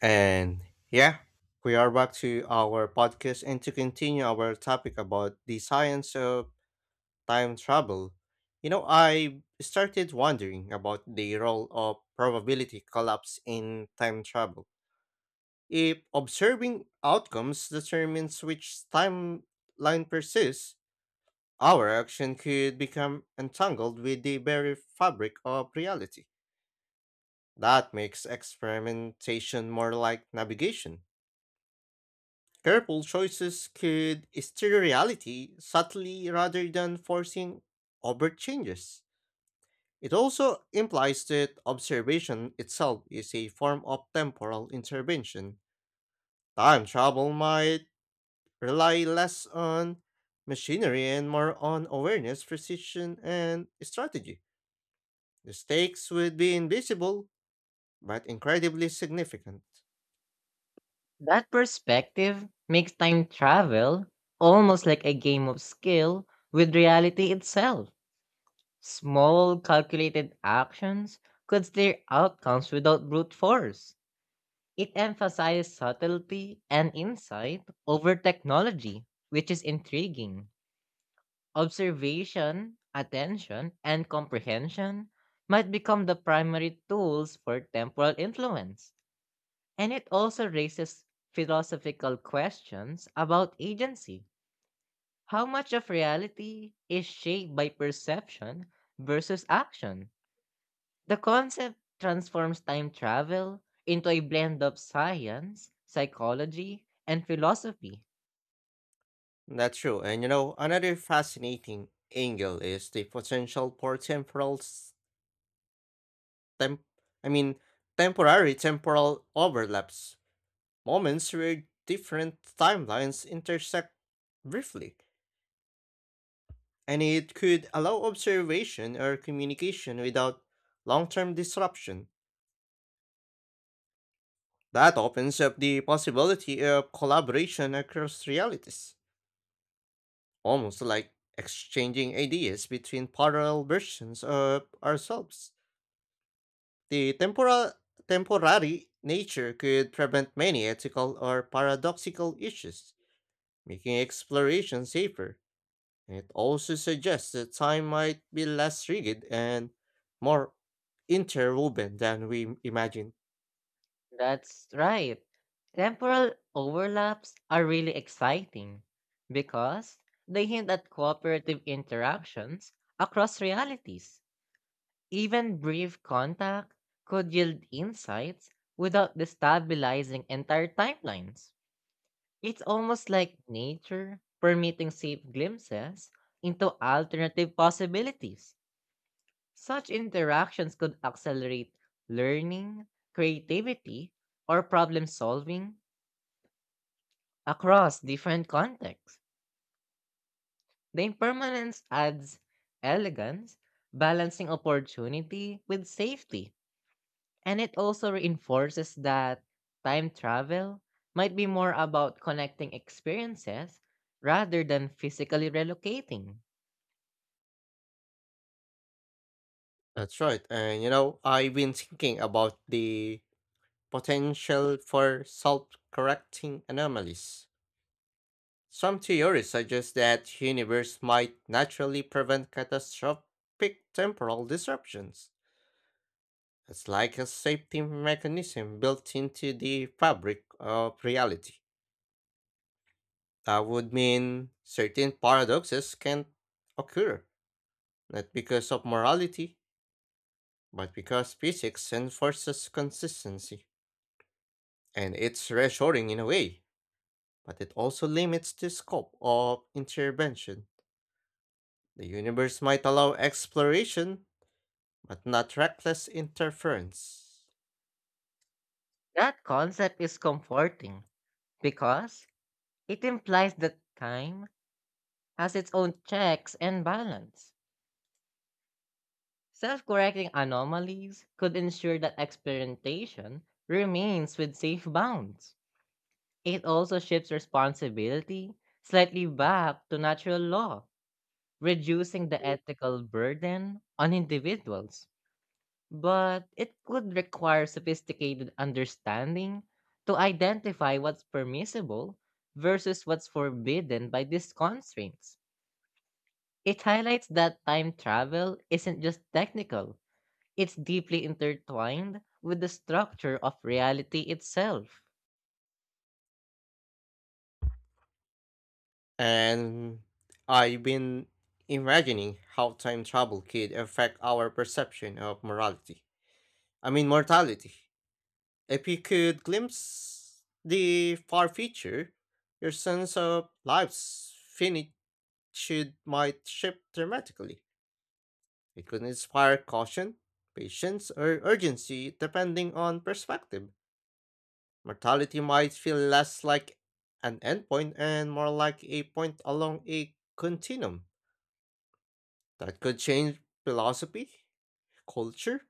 And yeah, we are back to our podcast and to continue our topic about the science of time travel. You know, I started wondering about the role of probability collapse in time travel. If observing outcomes determines which timeline persists, our action could become entangled with the very fabric of reality. That makes experimentation more like navigation. Careful choices could steer reality subtly rather than forcing overt changes. It also implies that observation itself is a form of temporal intervention. Time travel might rely less on machinery and more on awareness, precision, and strategy. The stakes would be invisible, but incredibly significant. That perspective makes time travel almost like a game of skill with reality itself. Small, calculated actions could steer outcomes without brute force. It emphasizes subtlety and insight over technology, which is intriguing. Observation, attention, and comprehension might become the primary tools for temporal influence. And it also raises philosophical questions about agency. How much of reality is shaped by perception versus action? The concept transforms time travel into a blend of science, psychology, and philosophy. That's true. And you know, another fascinating angle is the potential for temporal tem- I mean, temporary temporal overlaps, moments where different timelines intersect briefly, and it could allow observation or communication without long term disruption. That opens up the possibility of collaboration across realities, almost like exchanging ideas between parallel versions of ourselves. The temporal temporary nature could prevent many ethical or paradoxical issues making exploration safer. And it also suggests that time might be less rigid and more interwoven than we imagine. That's right. Temporal overlaps are really exciting because they hint at cooperative interactions across realities. Even brief contact could yield insights without destabilizing entire timelines. It's almost like nature permitting safe glimpses into alternative possibilities. Such interactions could accelerate learning, creativity, or problem solving across different contexts. The impermanence adds elegance, balancing opportunity with safety. And it also reinforces that time travel might be more about connecting experiences rather than physically relocating. That's right. And you know, I've been thinking about the potential for self-correcting anomalies. Some theories suggest that universe might naturally prevent catastrophic temporal disruptions. It's like a safety mechanism built into the fabric of reality. That would mean certain paradoxes can occur, not because of morality, but because physics enforces consistency. And it's reassuring in a way, but it also limits the scope of intervention. The universe might allow exploration, but not reckless interference. That concept is comforting because it implies that time has its own checks and balance. Self correcting anomalies could ensure that experimentation remains with safe bounds. It also shifts responsibility slightly back to natural law reducing the ethical burden on individuals, but it could require sophisticated understanding to identify what's permissible versus what's forbidden by these constraints. It highlights that time travel isn't just technical, it's deeply intertwined with the structure of reality itself. And I've been imagining how time travel could affect our perception of mortality. If you could glimpse the far future, your sense of life's finitude might shift dramatically. It could inspire caution, patience, or urgency depending on perspective. Mortality might feel less like an endpoint and more like a point along a continuum that could change philosophy, culture,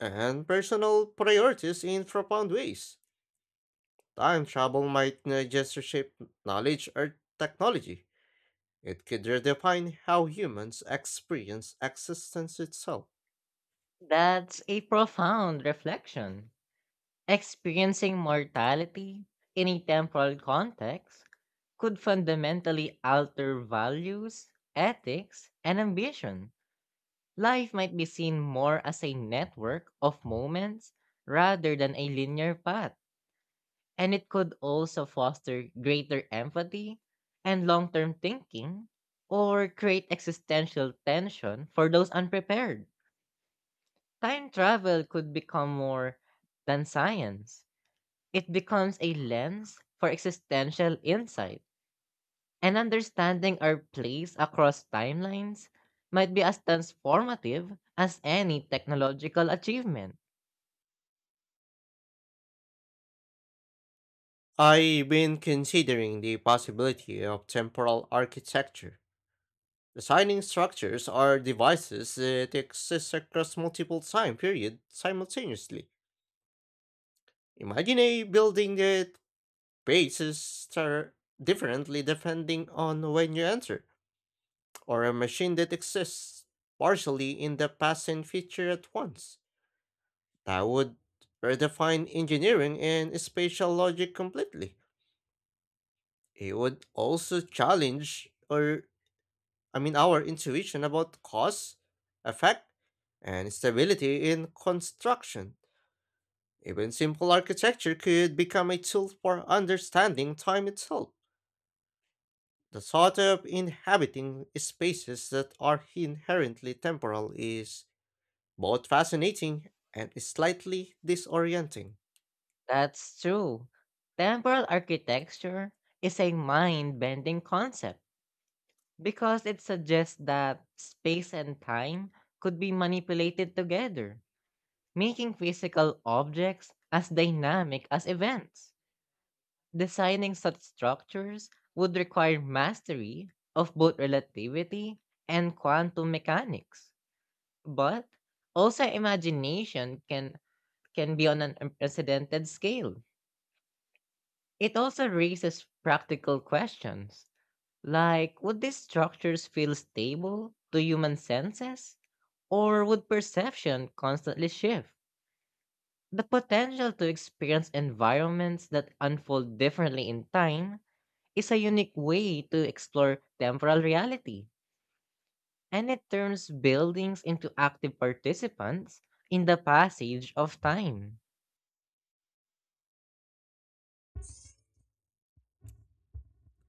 and personal priorities in profound ways. Time travel might not just reshape knowledge or technology. It could redefine how humans experience existence itself. That's a profound reflection. Experiencing mortality in a temporal context could fundamentally alter values, ethics, and ambition. Life might be seen more as a network of moments rather than a linear path, and it could also foster greater empathy and long term thinking or create existential tension for those unprepared. Time travel could become more than science it becomes a lens for existential insight, and understanding our place across timelines might be as transformative as any technological achievement. I've been considering the possibility of temporal architecture, designing structures or devices that exist across multiple time periods simultaneously. Imagine a building that faces differently depending on when you enter or a machine that exists partially in the past and future at once. That would redefine engineering and spatial logic completely. It would also challenge or I mean our intuition about cause, effect, and stability in construction. Even simple architecture could become a tool for understanding time itself. The thought of inhabiting spaces that are inherently temporal is both fascinating and slightly disorienting. That's true. Temporal architecture is a mind bending concept because it suggests that space and time could be manipulated together, making physical objects as dynamic as events. Designing such structures would require mastery of both relativity and quantum mechanics, but also imagination can be on an unprecedented scale. It also raises practical questions like would these structures feel stable to human senses or would perception constantly shift? The potential to experience environments that unfold differently in time is a unique way to explore temporal reality, and it turns buildings into active participants in the passage of time.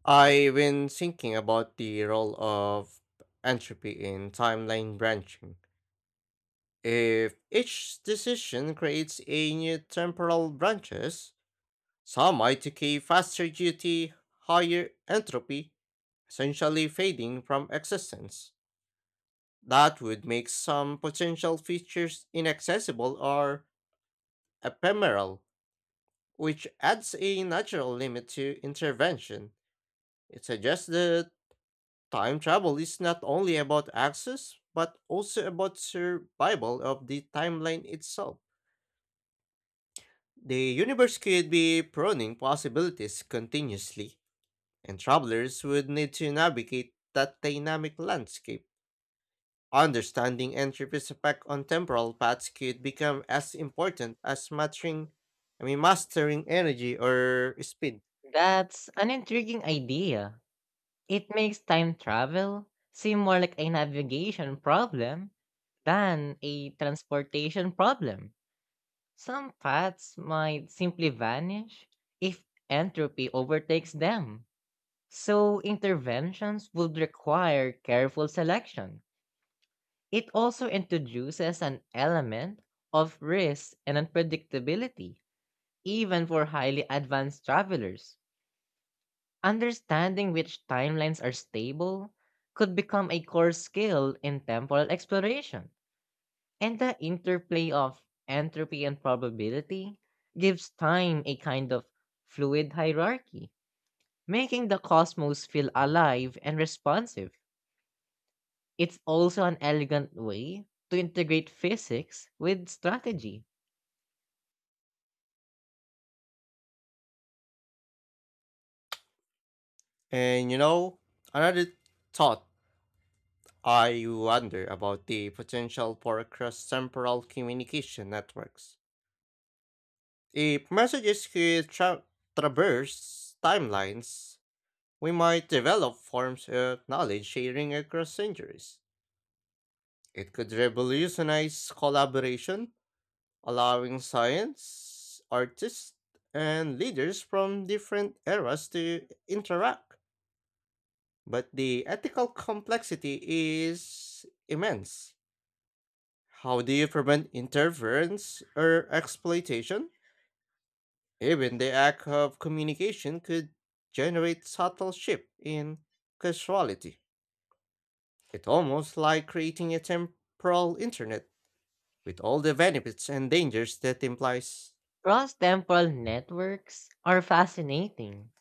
I've been thinking about the role of entropy in timeline branching. If each decision creates a new temporal branches, some might decay faster due to higher entropy, essentially fading from existence. That would make some potential features inaccessible or ephemeral, which adds a natural limit to intervention. It suggests that time travel is not only about access, but also about survival of the timeline itself. The universe could be proning possibilities continuously, and travelers would need to navigate that dynamic landscape. Understanding entropy's effect on temporal paths could become as important as mastering energy or speed. That's an intriguing idea. It makes time travel seem more like a navigation problem than a transportation problem. Some paths might simply vanish if entropy overtakes them, so interventions would require careful selection. It also introduces an element of risk and unpredictability, even for highly advanced travelers. Understanding which timelines are stable could become a core skill in temporal exploration, and the interplay of entropy and probability gives time a kind of fluid hierarchy, making the cosmos feel alive and responsive. It's also an elegant way to integrate physics with strategy. And you know, another thought, I wonder about the potential for cross-temporal communication networks. If messages could traverse timelines, we might develop forms of knowledge sharing across centuries. It could revolutionize collaboration, allowing science, artists, and leaders from different eras to interact. But the ethical complexity is immense. How do you prevent interference or exploitation? Even the act of communication could generate subtle shift in causality. It's almost like creating a temporal internet with all the benefits and dangers that implies. Cross temporal networks are fascinating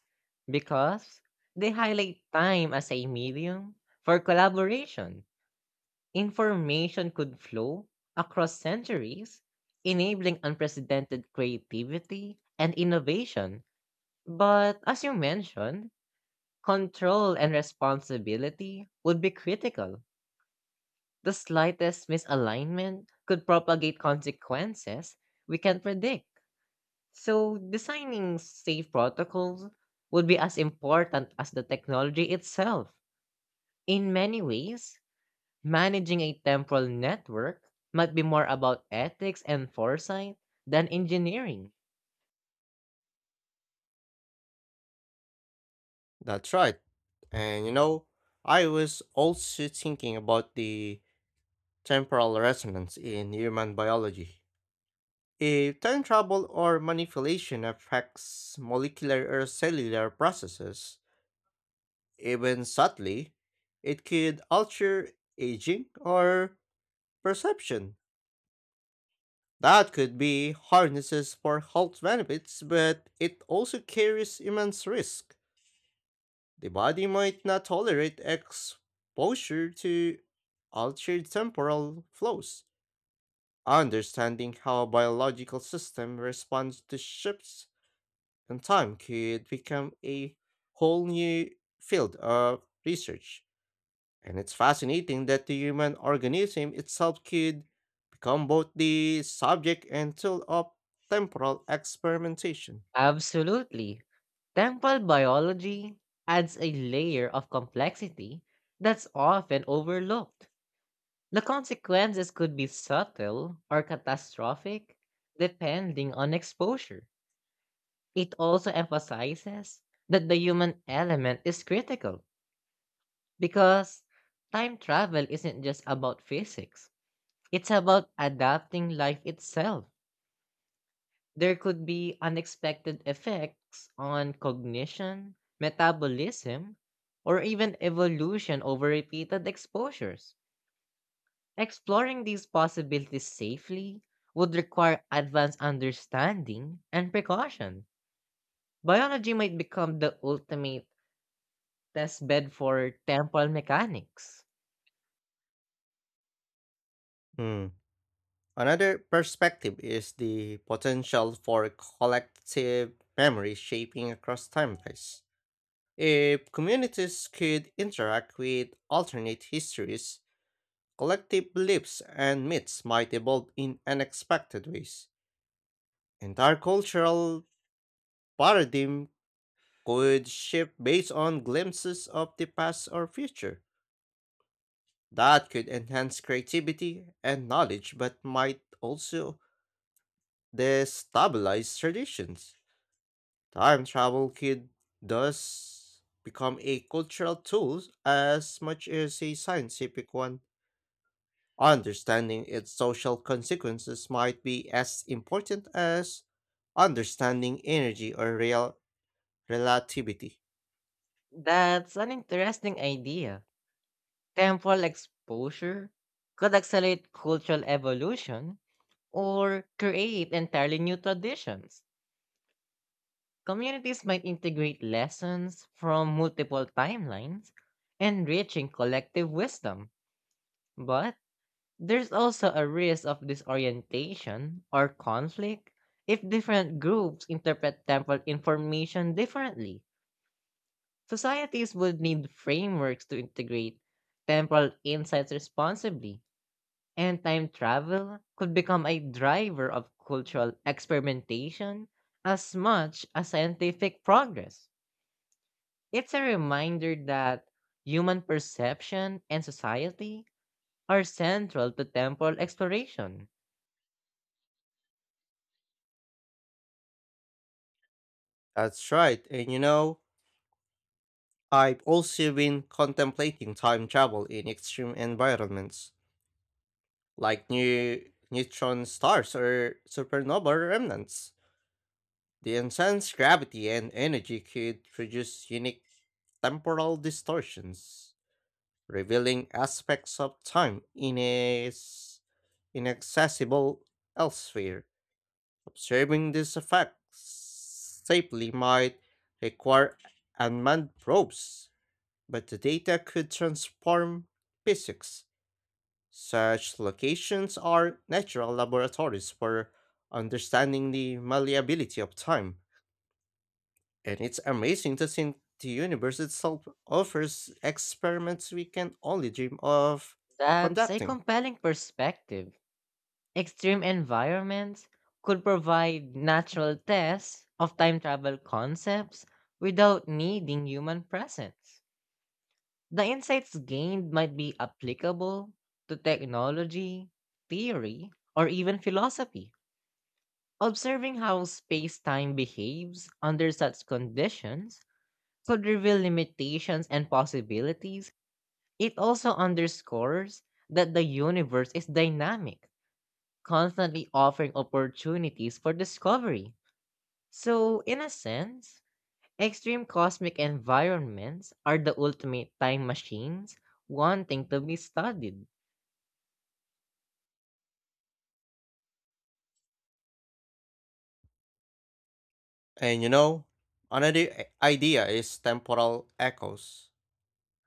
because they highlight time as a medium for collaboration. Information could flow across centuries, enabling unprecedented creativity and innovation. But as you mentioned, control and responsibility would be critical. The slightest misalignment could propagate consequences we can not predict. So, designing safe protocols would be as important as the technology itself. In many ways, managing a temporal network might be more about ethics and foresight than engineering. That's right. And you know, I was also thinking about the temporal resonance in human biology. If time travel or manipulation affects molecular or cellular processes, even subtly, it could alter aging or perception. That could be harnesses for health benefits, but it also carries immense risk. The body might not tolerate exposure to altered temporal flows. Understanding how a biological system responds to shifts in time could become a whole new field of research. And it's fascinating that the human organism itself could become both the subject and tool of temporal experimentation. Absolutely. Temporal biology adds a layer of complexity that's often overlooked. The consequences could be subtle or catastrophic depending on exposure. It also emphasizes that the human element is critical because time travel isn't just about physics, it's about adapting life itself. There could be unexpected effects on cognition, metabolism, or even evolution over repeated exposures. Exploring these possibilities safely would require advanced understanding and precaution. Biology might become the ultimate test bed for temple mechanics. Hmm. Another perspective is the potential for collective memory shaping across timelines. If communities could interact with alternate histories, collective beliefs and myths might evolve in unexpected ways. Entire cultural paradigm could shift based on glimpses of the past or future. That could enhance creativity and knowledge, but might also destabilize traditions. Time travel could thus become a cultural tool as much as a scientific one. Understanding its social consequences might be as important as understanding energy or real relativity. That's an interesting idea. Temple exposure could accelerate cultural evolution or create entirely new traditions. Communities might integrate lessons from multiple timelines, enriching collective wisdom. But there's also a risk of disorientation or conflict if different groups interpret temple information differently. Societies would need frameworks to integrate temporal insights responsibly, and time travel could become a driver of cultural experimentation as much as scientific progress. It's a reminder that human perception and society are central to temporal exploration. That's right, and you know, I've also been contemplating time travel in extreme environments, like new neutron stars or supernova remnants. The intense gravity and energy could produce unique temporal distortions, revealing aspects of time in inaccessible elsewhere. Observing these effects safely might require unmanned probes, but the data could transform physics. Such locations are natural laboratories for understanding the malleability of time. And it's amazing to think the universe itself offers experiments we can only dream of That's a conducting. compelling perspective. Extreme environments could provide natural tests of time travel concepts without needing human presence. The insights gained might be applicable to technology, theory, or even philosophy. Observing how space time behaves under such conditions could reveal limitations and possibilities. It also underscores that the universe is dynamic constantly offering opportunities for discovery. So, in a sense, extreme cosmic environments are the ultimate time machines wanting to be studied. And you know, another idea is temporal echoes,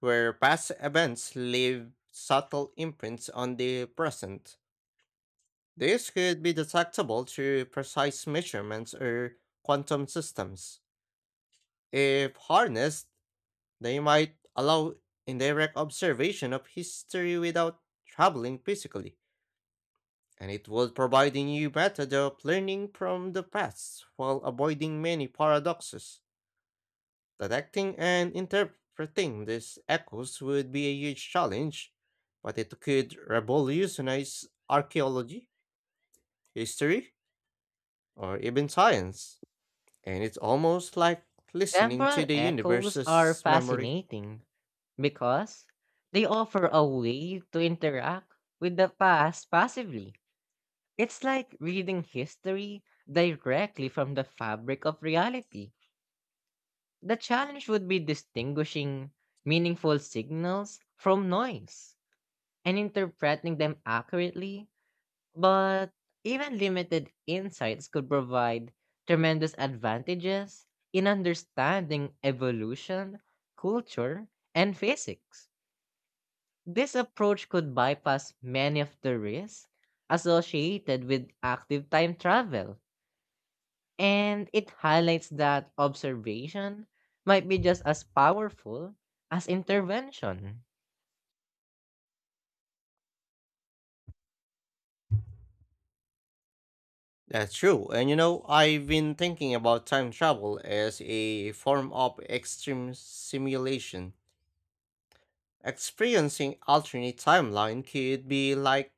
where past events leave subtle imprints on the present. These could be detectable through precise measurements or quantum systems. If harnessed, they might allow indirect observation of history without traveling physically, and it would provide a new method of learning from the past while avoiding many paradoxes. Detecting and interpreting these echoes would be a huge challenge, but it could revolutionize archaeology, history, or even science. And it's almost like listening to Temporal the echoes are universe's memory. fascinating because they offer a way to interact with the past passively. It's like reading history directly from the fabric of reality. The challenge would be distinguishing meaningful signals from noise and interpreting them accurately, but even limited insights could provide tremendous advantages in understanding evolution, culture, and physics. This approach could bypass many of the risks associated with active time travel and it highlights that observation might be just as powerful as intervention. That's true. And you know, I've been thinking about time travel as a form of extreme simulation. Experiencing alternate timeline could be like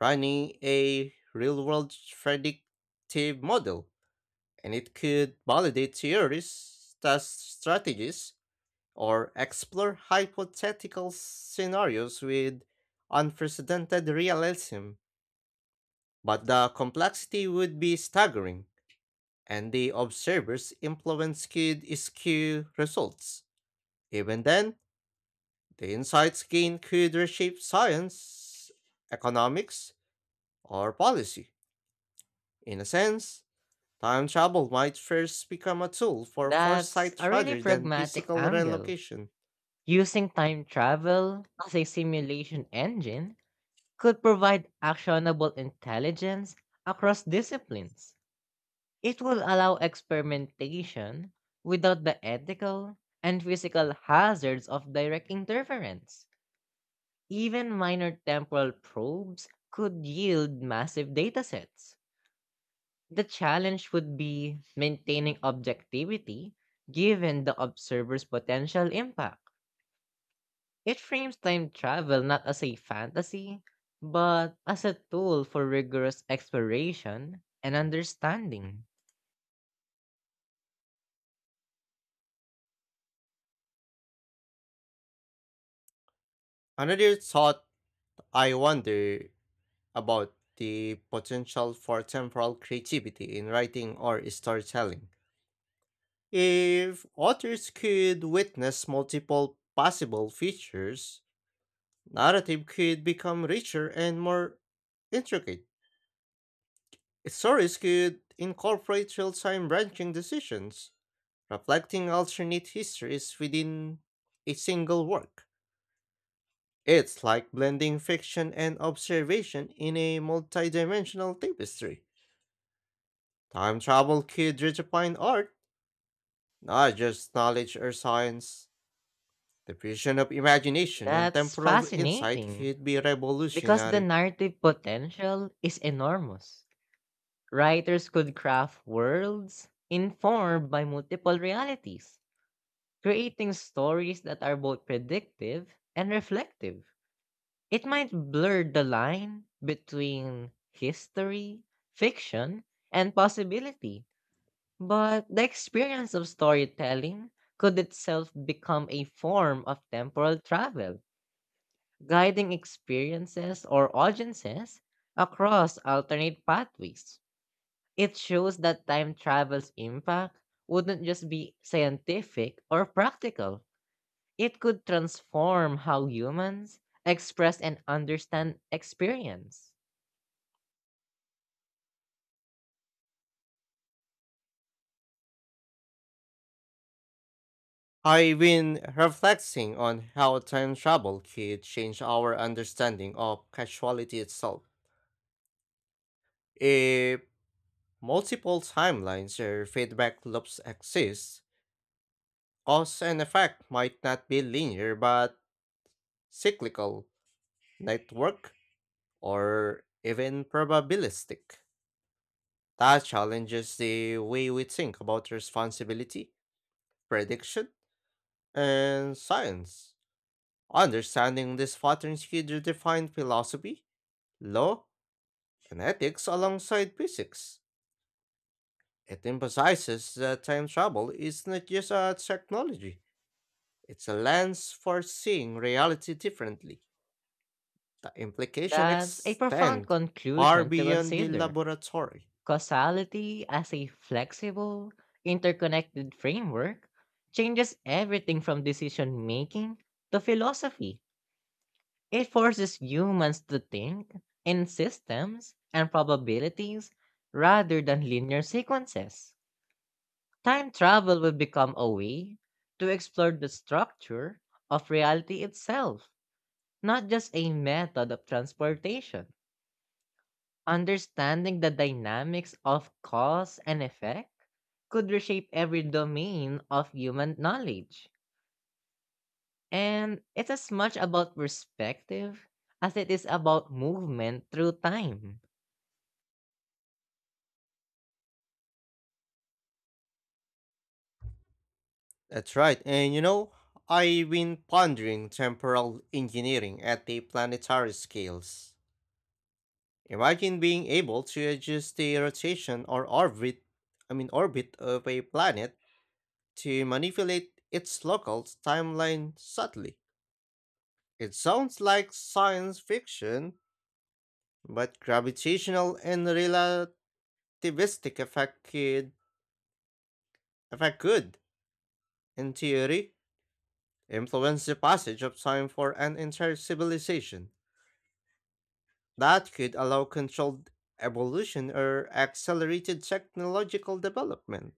running a real world predictive model, and it could validate theories, test strategies, or explore hypothetical scenarios with unprecedented realism. But the complexity would be staggering, and the observer's influence could skew results. Even then, the insights gained could reshape science, economics, or policy. In a sense, time travel might first become a tool for That's foresight a really rather than pragmatic physical angle. relocation. Using time travel as a simulation engine could provide actionable intelligence across disciplines. It will allow experimentation without the ethical and physical hazards of direct interference. Even minor temporal probes could yield massive datasets. The challenge would be maintaining objectivity given the observer's potential impact. It frames time travel not as a fantasy, but as a tool for rigorous exploration and understanding. Another thought, I wonder about the potential for temporal creativity in writing or storytelling. If authors could witness multiple possible features, narrative could become richer and more intricate. Stories could incorporate real time branching decisions, reflecting alternate histories within a single work. It's like blending fiction and observation in a multidimensional tapestry. Time travel could redefine art, not just knowledge or science. The fusion of imagination and That's temporal insight fascinating could be because the revolutionary. narrative potential is enormous. Writers could craft worlds informed by multiple realities creating stories that are both predictive and reflective. It might blur the line between history, fiction, and possibility, but the experience of storytelling could itself become a form of temporal travel, guiding experiences or audiences across alternate pathways. It shows that time travel's impact wouldn't just be scientific or practical it could transform how humans express and understand experience. I've been reflecting on how time travel could change our understanding of causality itself. If multiple timelines or feedback loops exist, cause and effect might not be linear but cyclical, network, or even probabilistic. That challenges the way we think about responsibility, prediction, and science. Understanding these patterns could redefine philosophy, law, and ethics alongside physics. It emphasizes that time travel is not just a technology, it's a lens for seeing reality differently. The implications That's a profound extend far conclusion to beyond the consider. laboratory. Causality as a flexible, interconnected framework changes everything from decision making to philosophy. It forces humans to think in systems and probabilities rather than linear sequences. Time travel will become a way to explore the structure of reality itself, not just a method of transportation. Understanding the dynamics of cause and effect could reshape every domain of human knowledge. And it's as much about perspective as it is about movement through time. That's right. And you know, I've been pondering temporal engineering at the planetary scales. Imagine being able to adjust the rotation or orbit, I mean orbit of a planet to manipulate its local timeline subtly. It sounds like science fiction, but gravitational and relativistic effect could, effect could, in theory, influence the passage of time for an entire civilization. That could allow controlled evolution or accelerated technological development.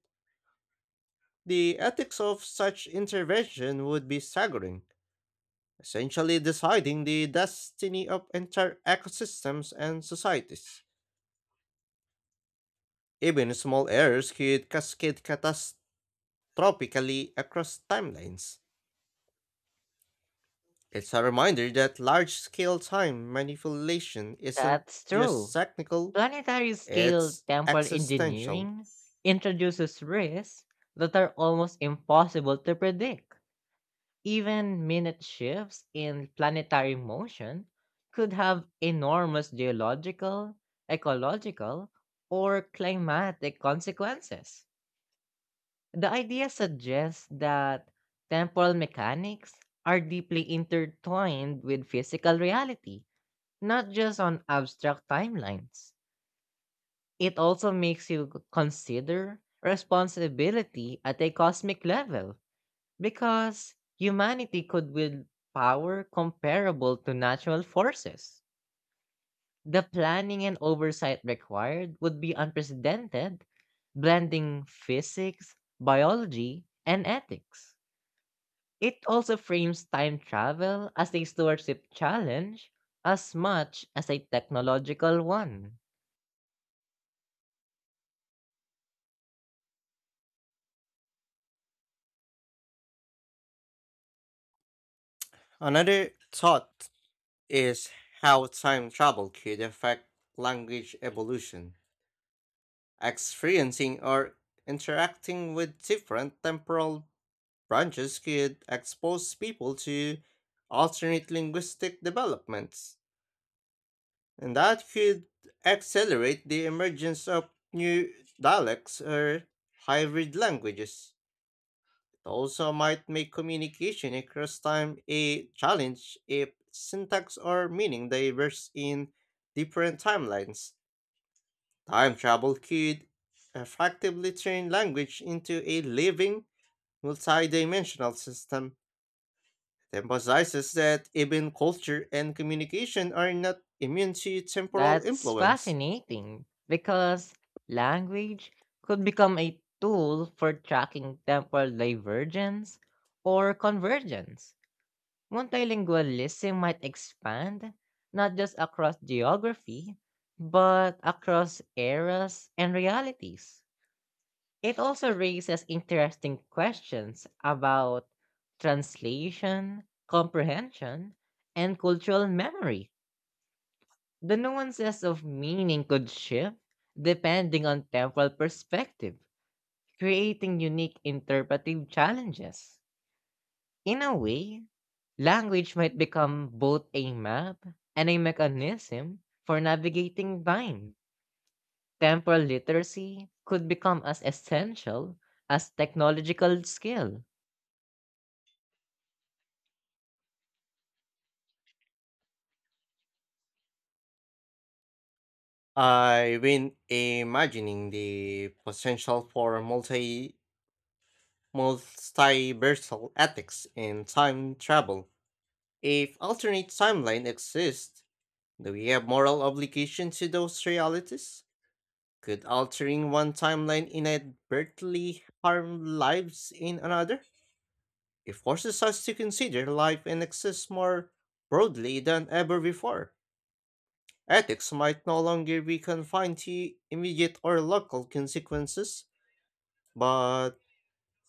The ethics of such intervention would be staggering, essentially deciding the destiny of entire ecosystems and societies. Even small errors could cascade catastrophically across timelines. It's a reminder that large scale time manipulation isn't That's just true. technical, Planetary scale it's temporal existential. engineering introduces risks that are almost impossible to predict. Even minute shifts in planetary motion could have enormous geological, ecological, or climatic consequences. The idea suggests that temporal mechanics are deeply intertwined with physical reality, not just on abstract timelines. It also makes you consider responsibility at a cosmic level because humanity could wield power comparable to natural forces. The planning and oversight required would be unprecedented, blending physics, biology, and ethics. It also frames time travel as a stewardship challenge as much as a technological one. Another thought is how time travel could affect language evolution. Experiencing or interacting with different temporal branches could expose people to alternate linguistic developments, and that could accelerate the emergence of new dialects or hybrid languages. It also might make communication across time a challenge if syntax or meaning diverge in different timelines. Time travel could effectively turn language into a living, multidimensional system. It emphasizes that even culture and communication are not immune to temporal That's influence. fascinating because language could become a tool for tracking temporal divergence or convergence. Multilingualism might expand not just across geography, but across eras and realities. It also raises interesting questions about translation, comprehension, and cultural memory. The nuances of meaning could shift depending on temporal perspective, creating unique interpretive challenges. In a way, language might become both a map and a mechanism for navigating time. Temporal literacy could become as essential as technological skill. I when imagining the potential for multiversal ethics in time travel. If alternate timeline exists, do we have moral obligation to those realities? Could altering one timeline inadvertently harm lives in another? It forces us to consider life and exists more broadly than ever before. Ethics might no longer be confined to immediate or local consequences but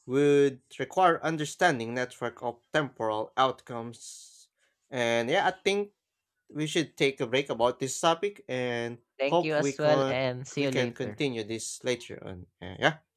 would require understanding network of temporal outcomes. And yeah, I think we should take a break about this topic and Thank you hope we as well, can and see we you can later. continue this later on. Yeah,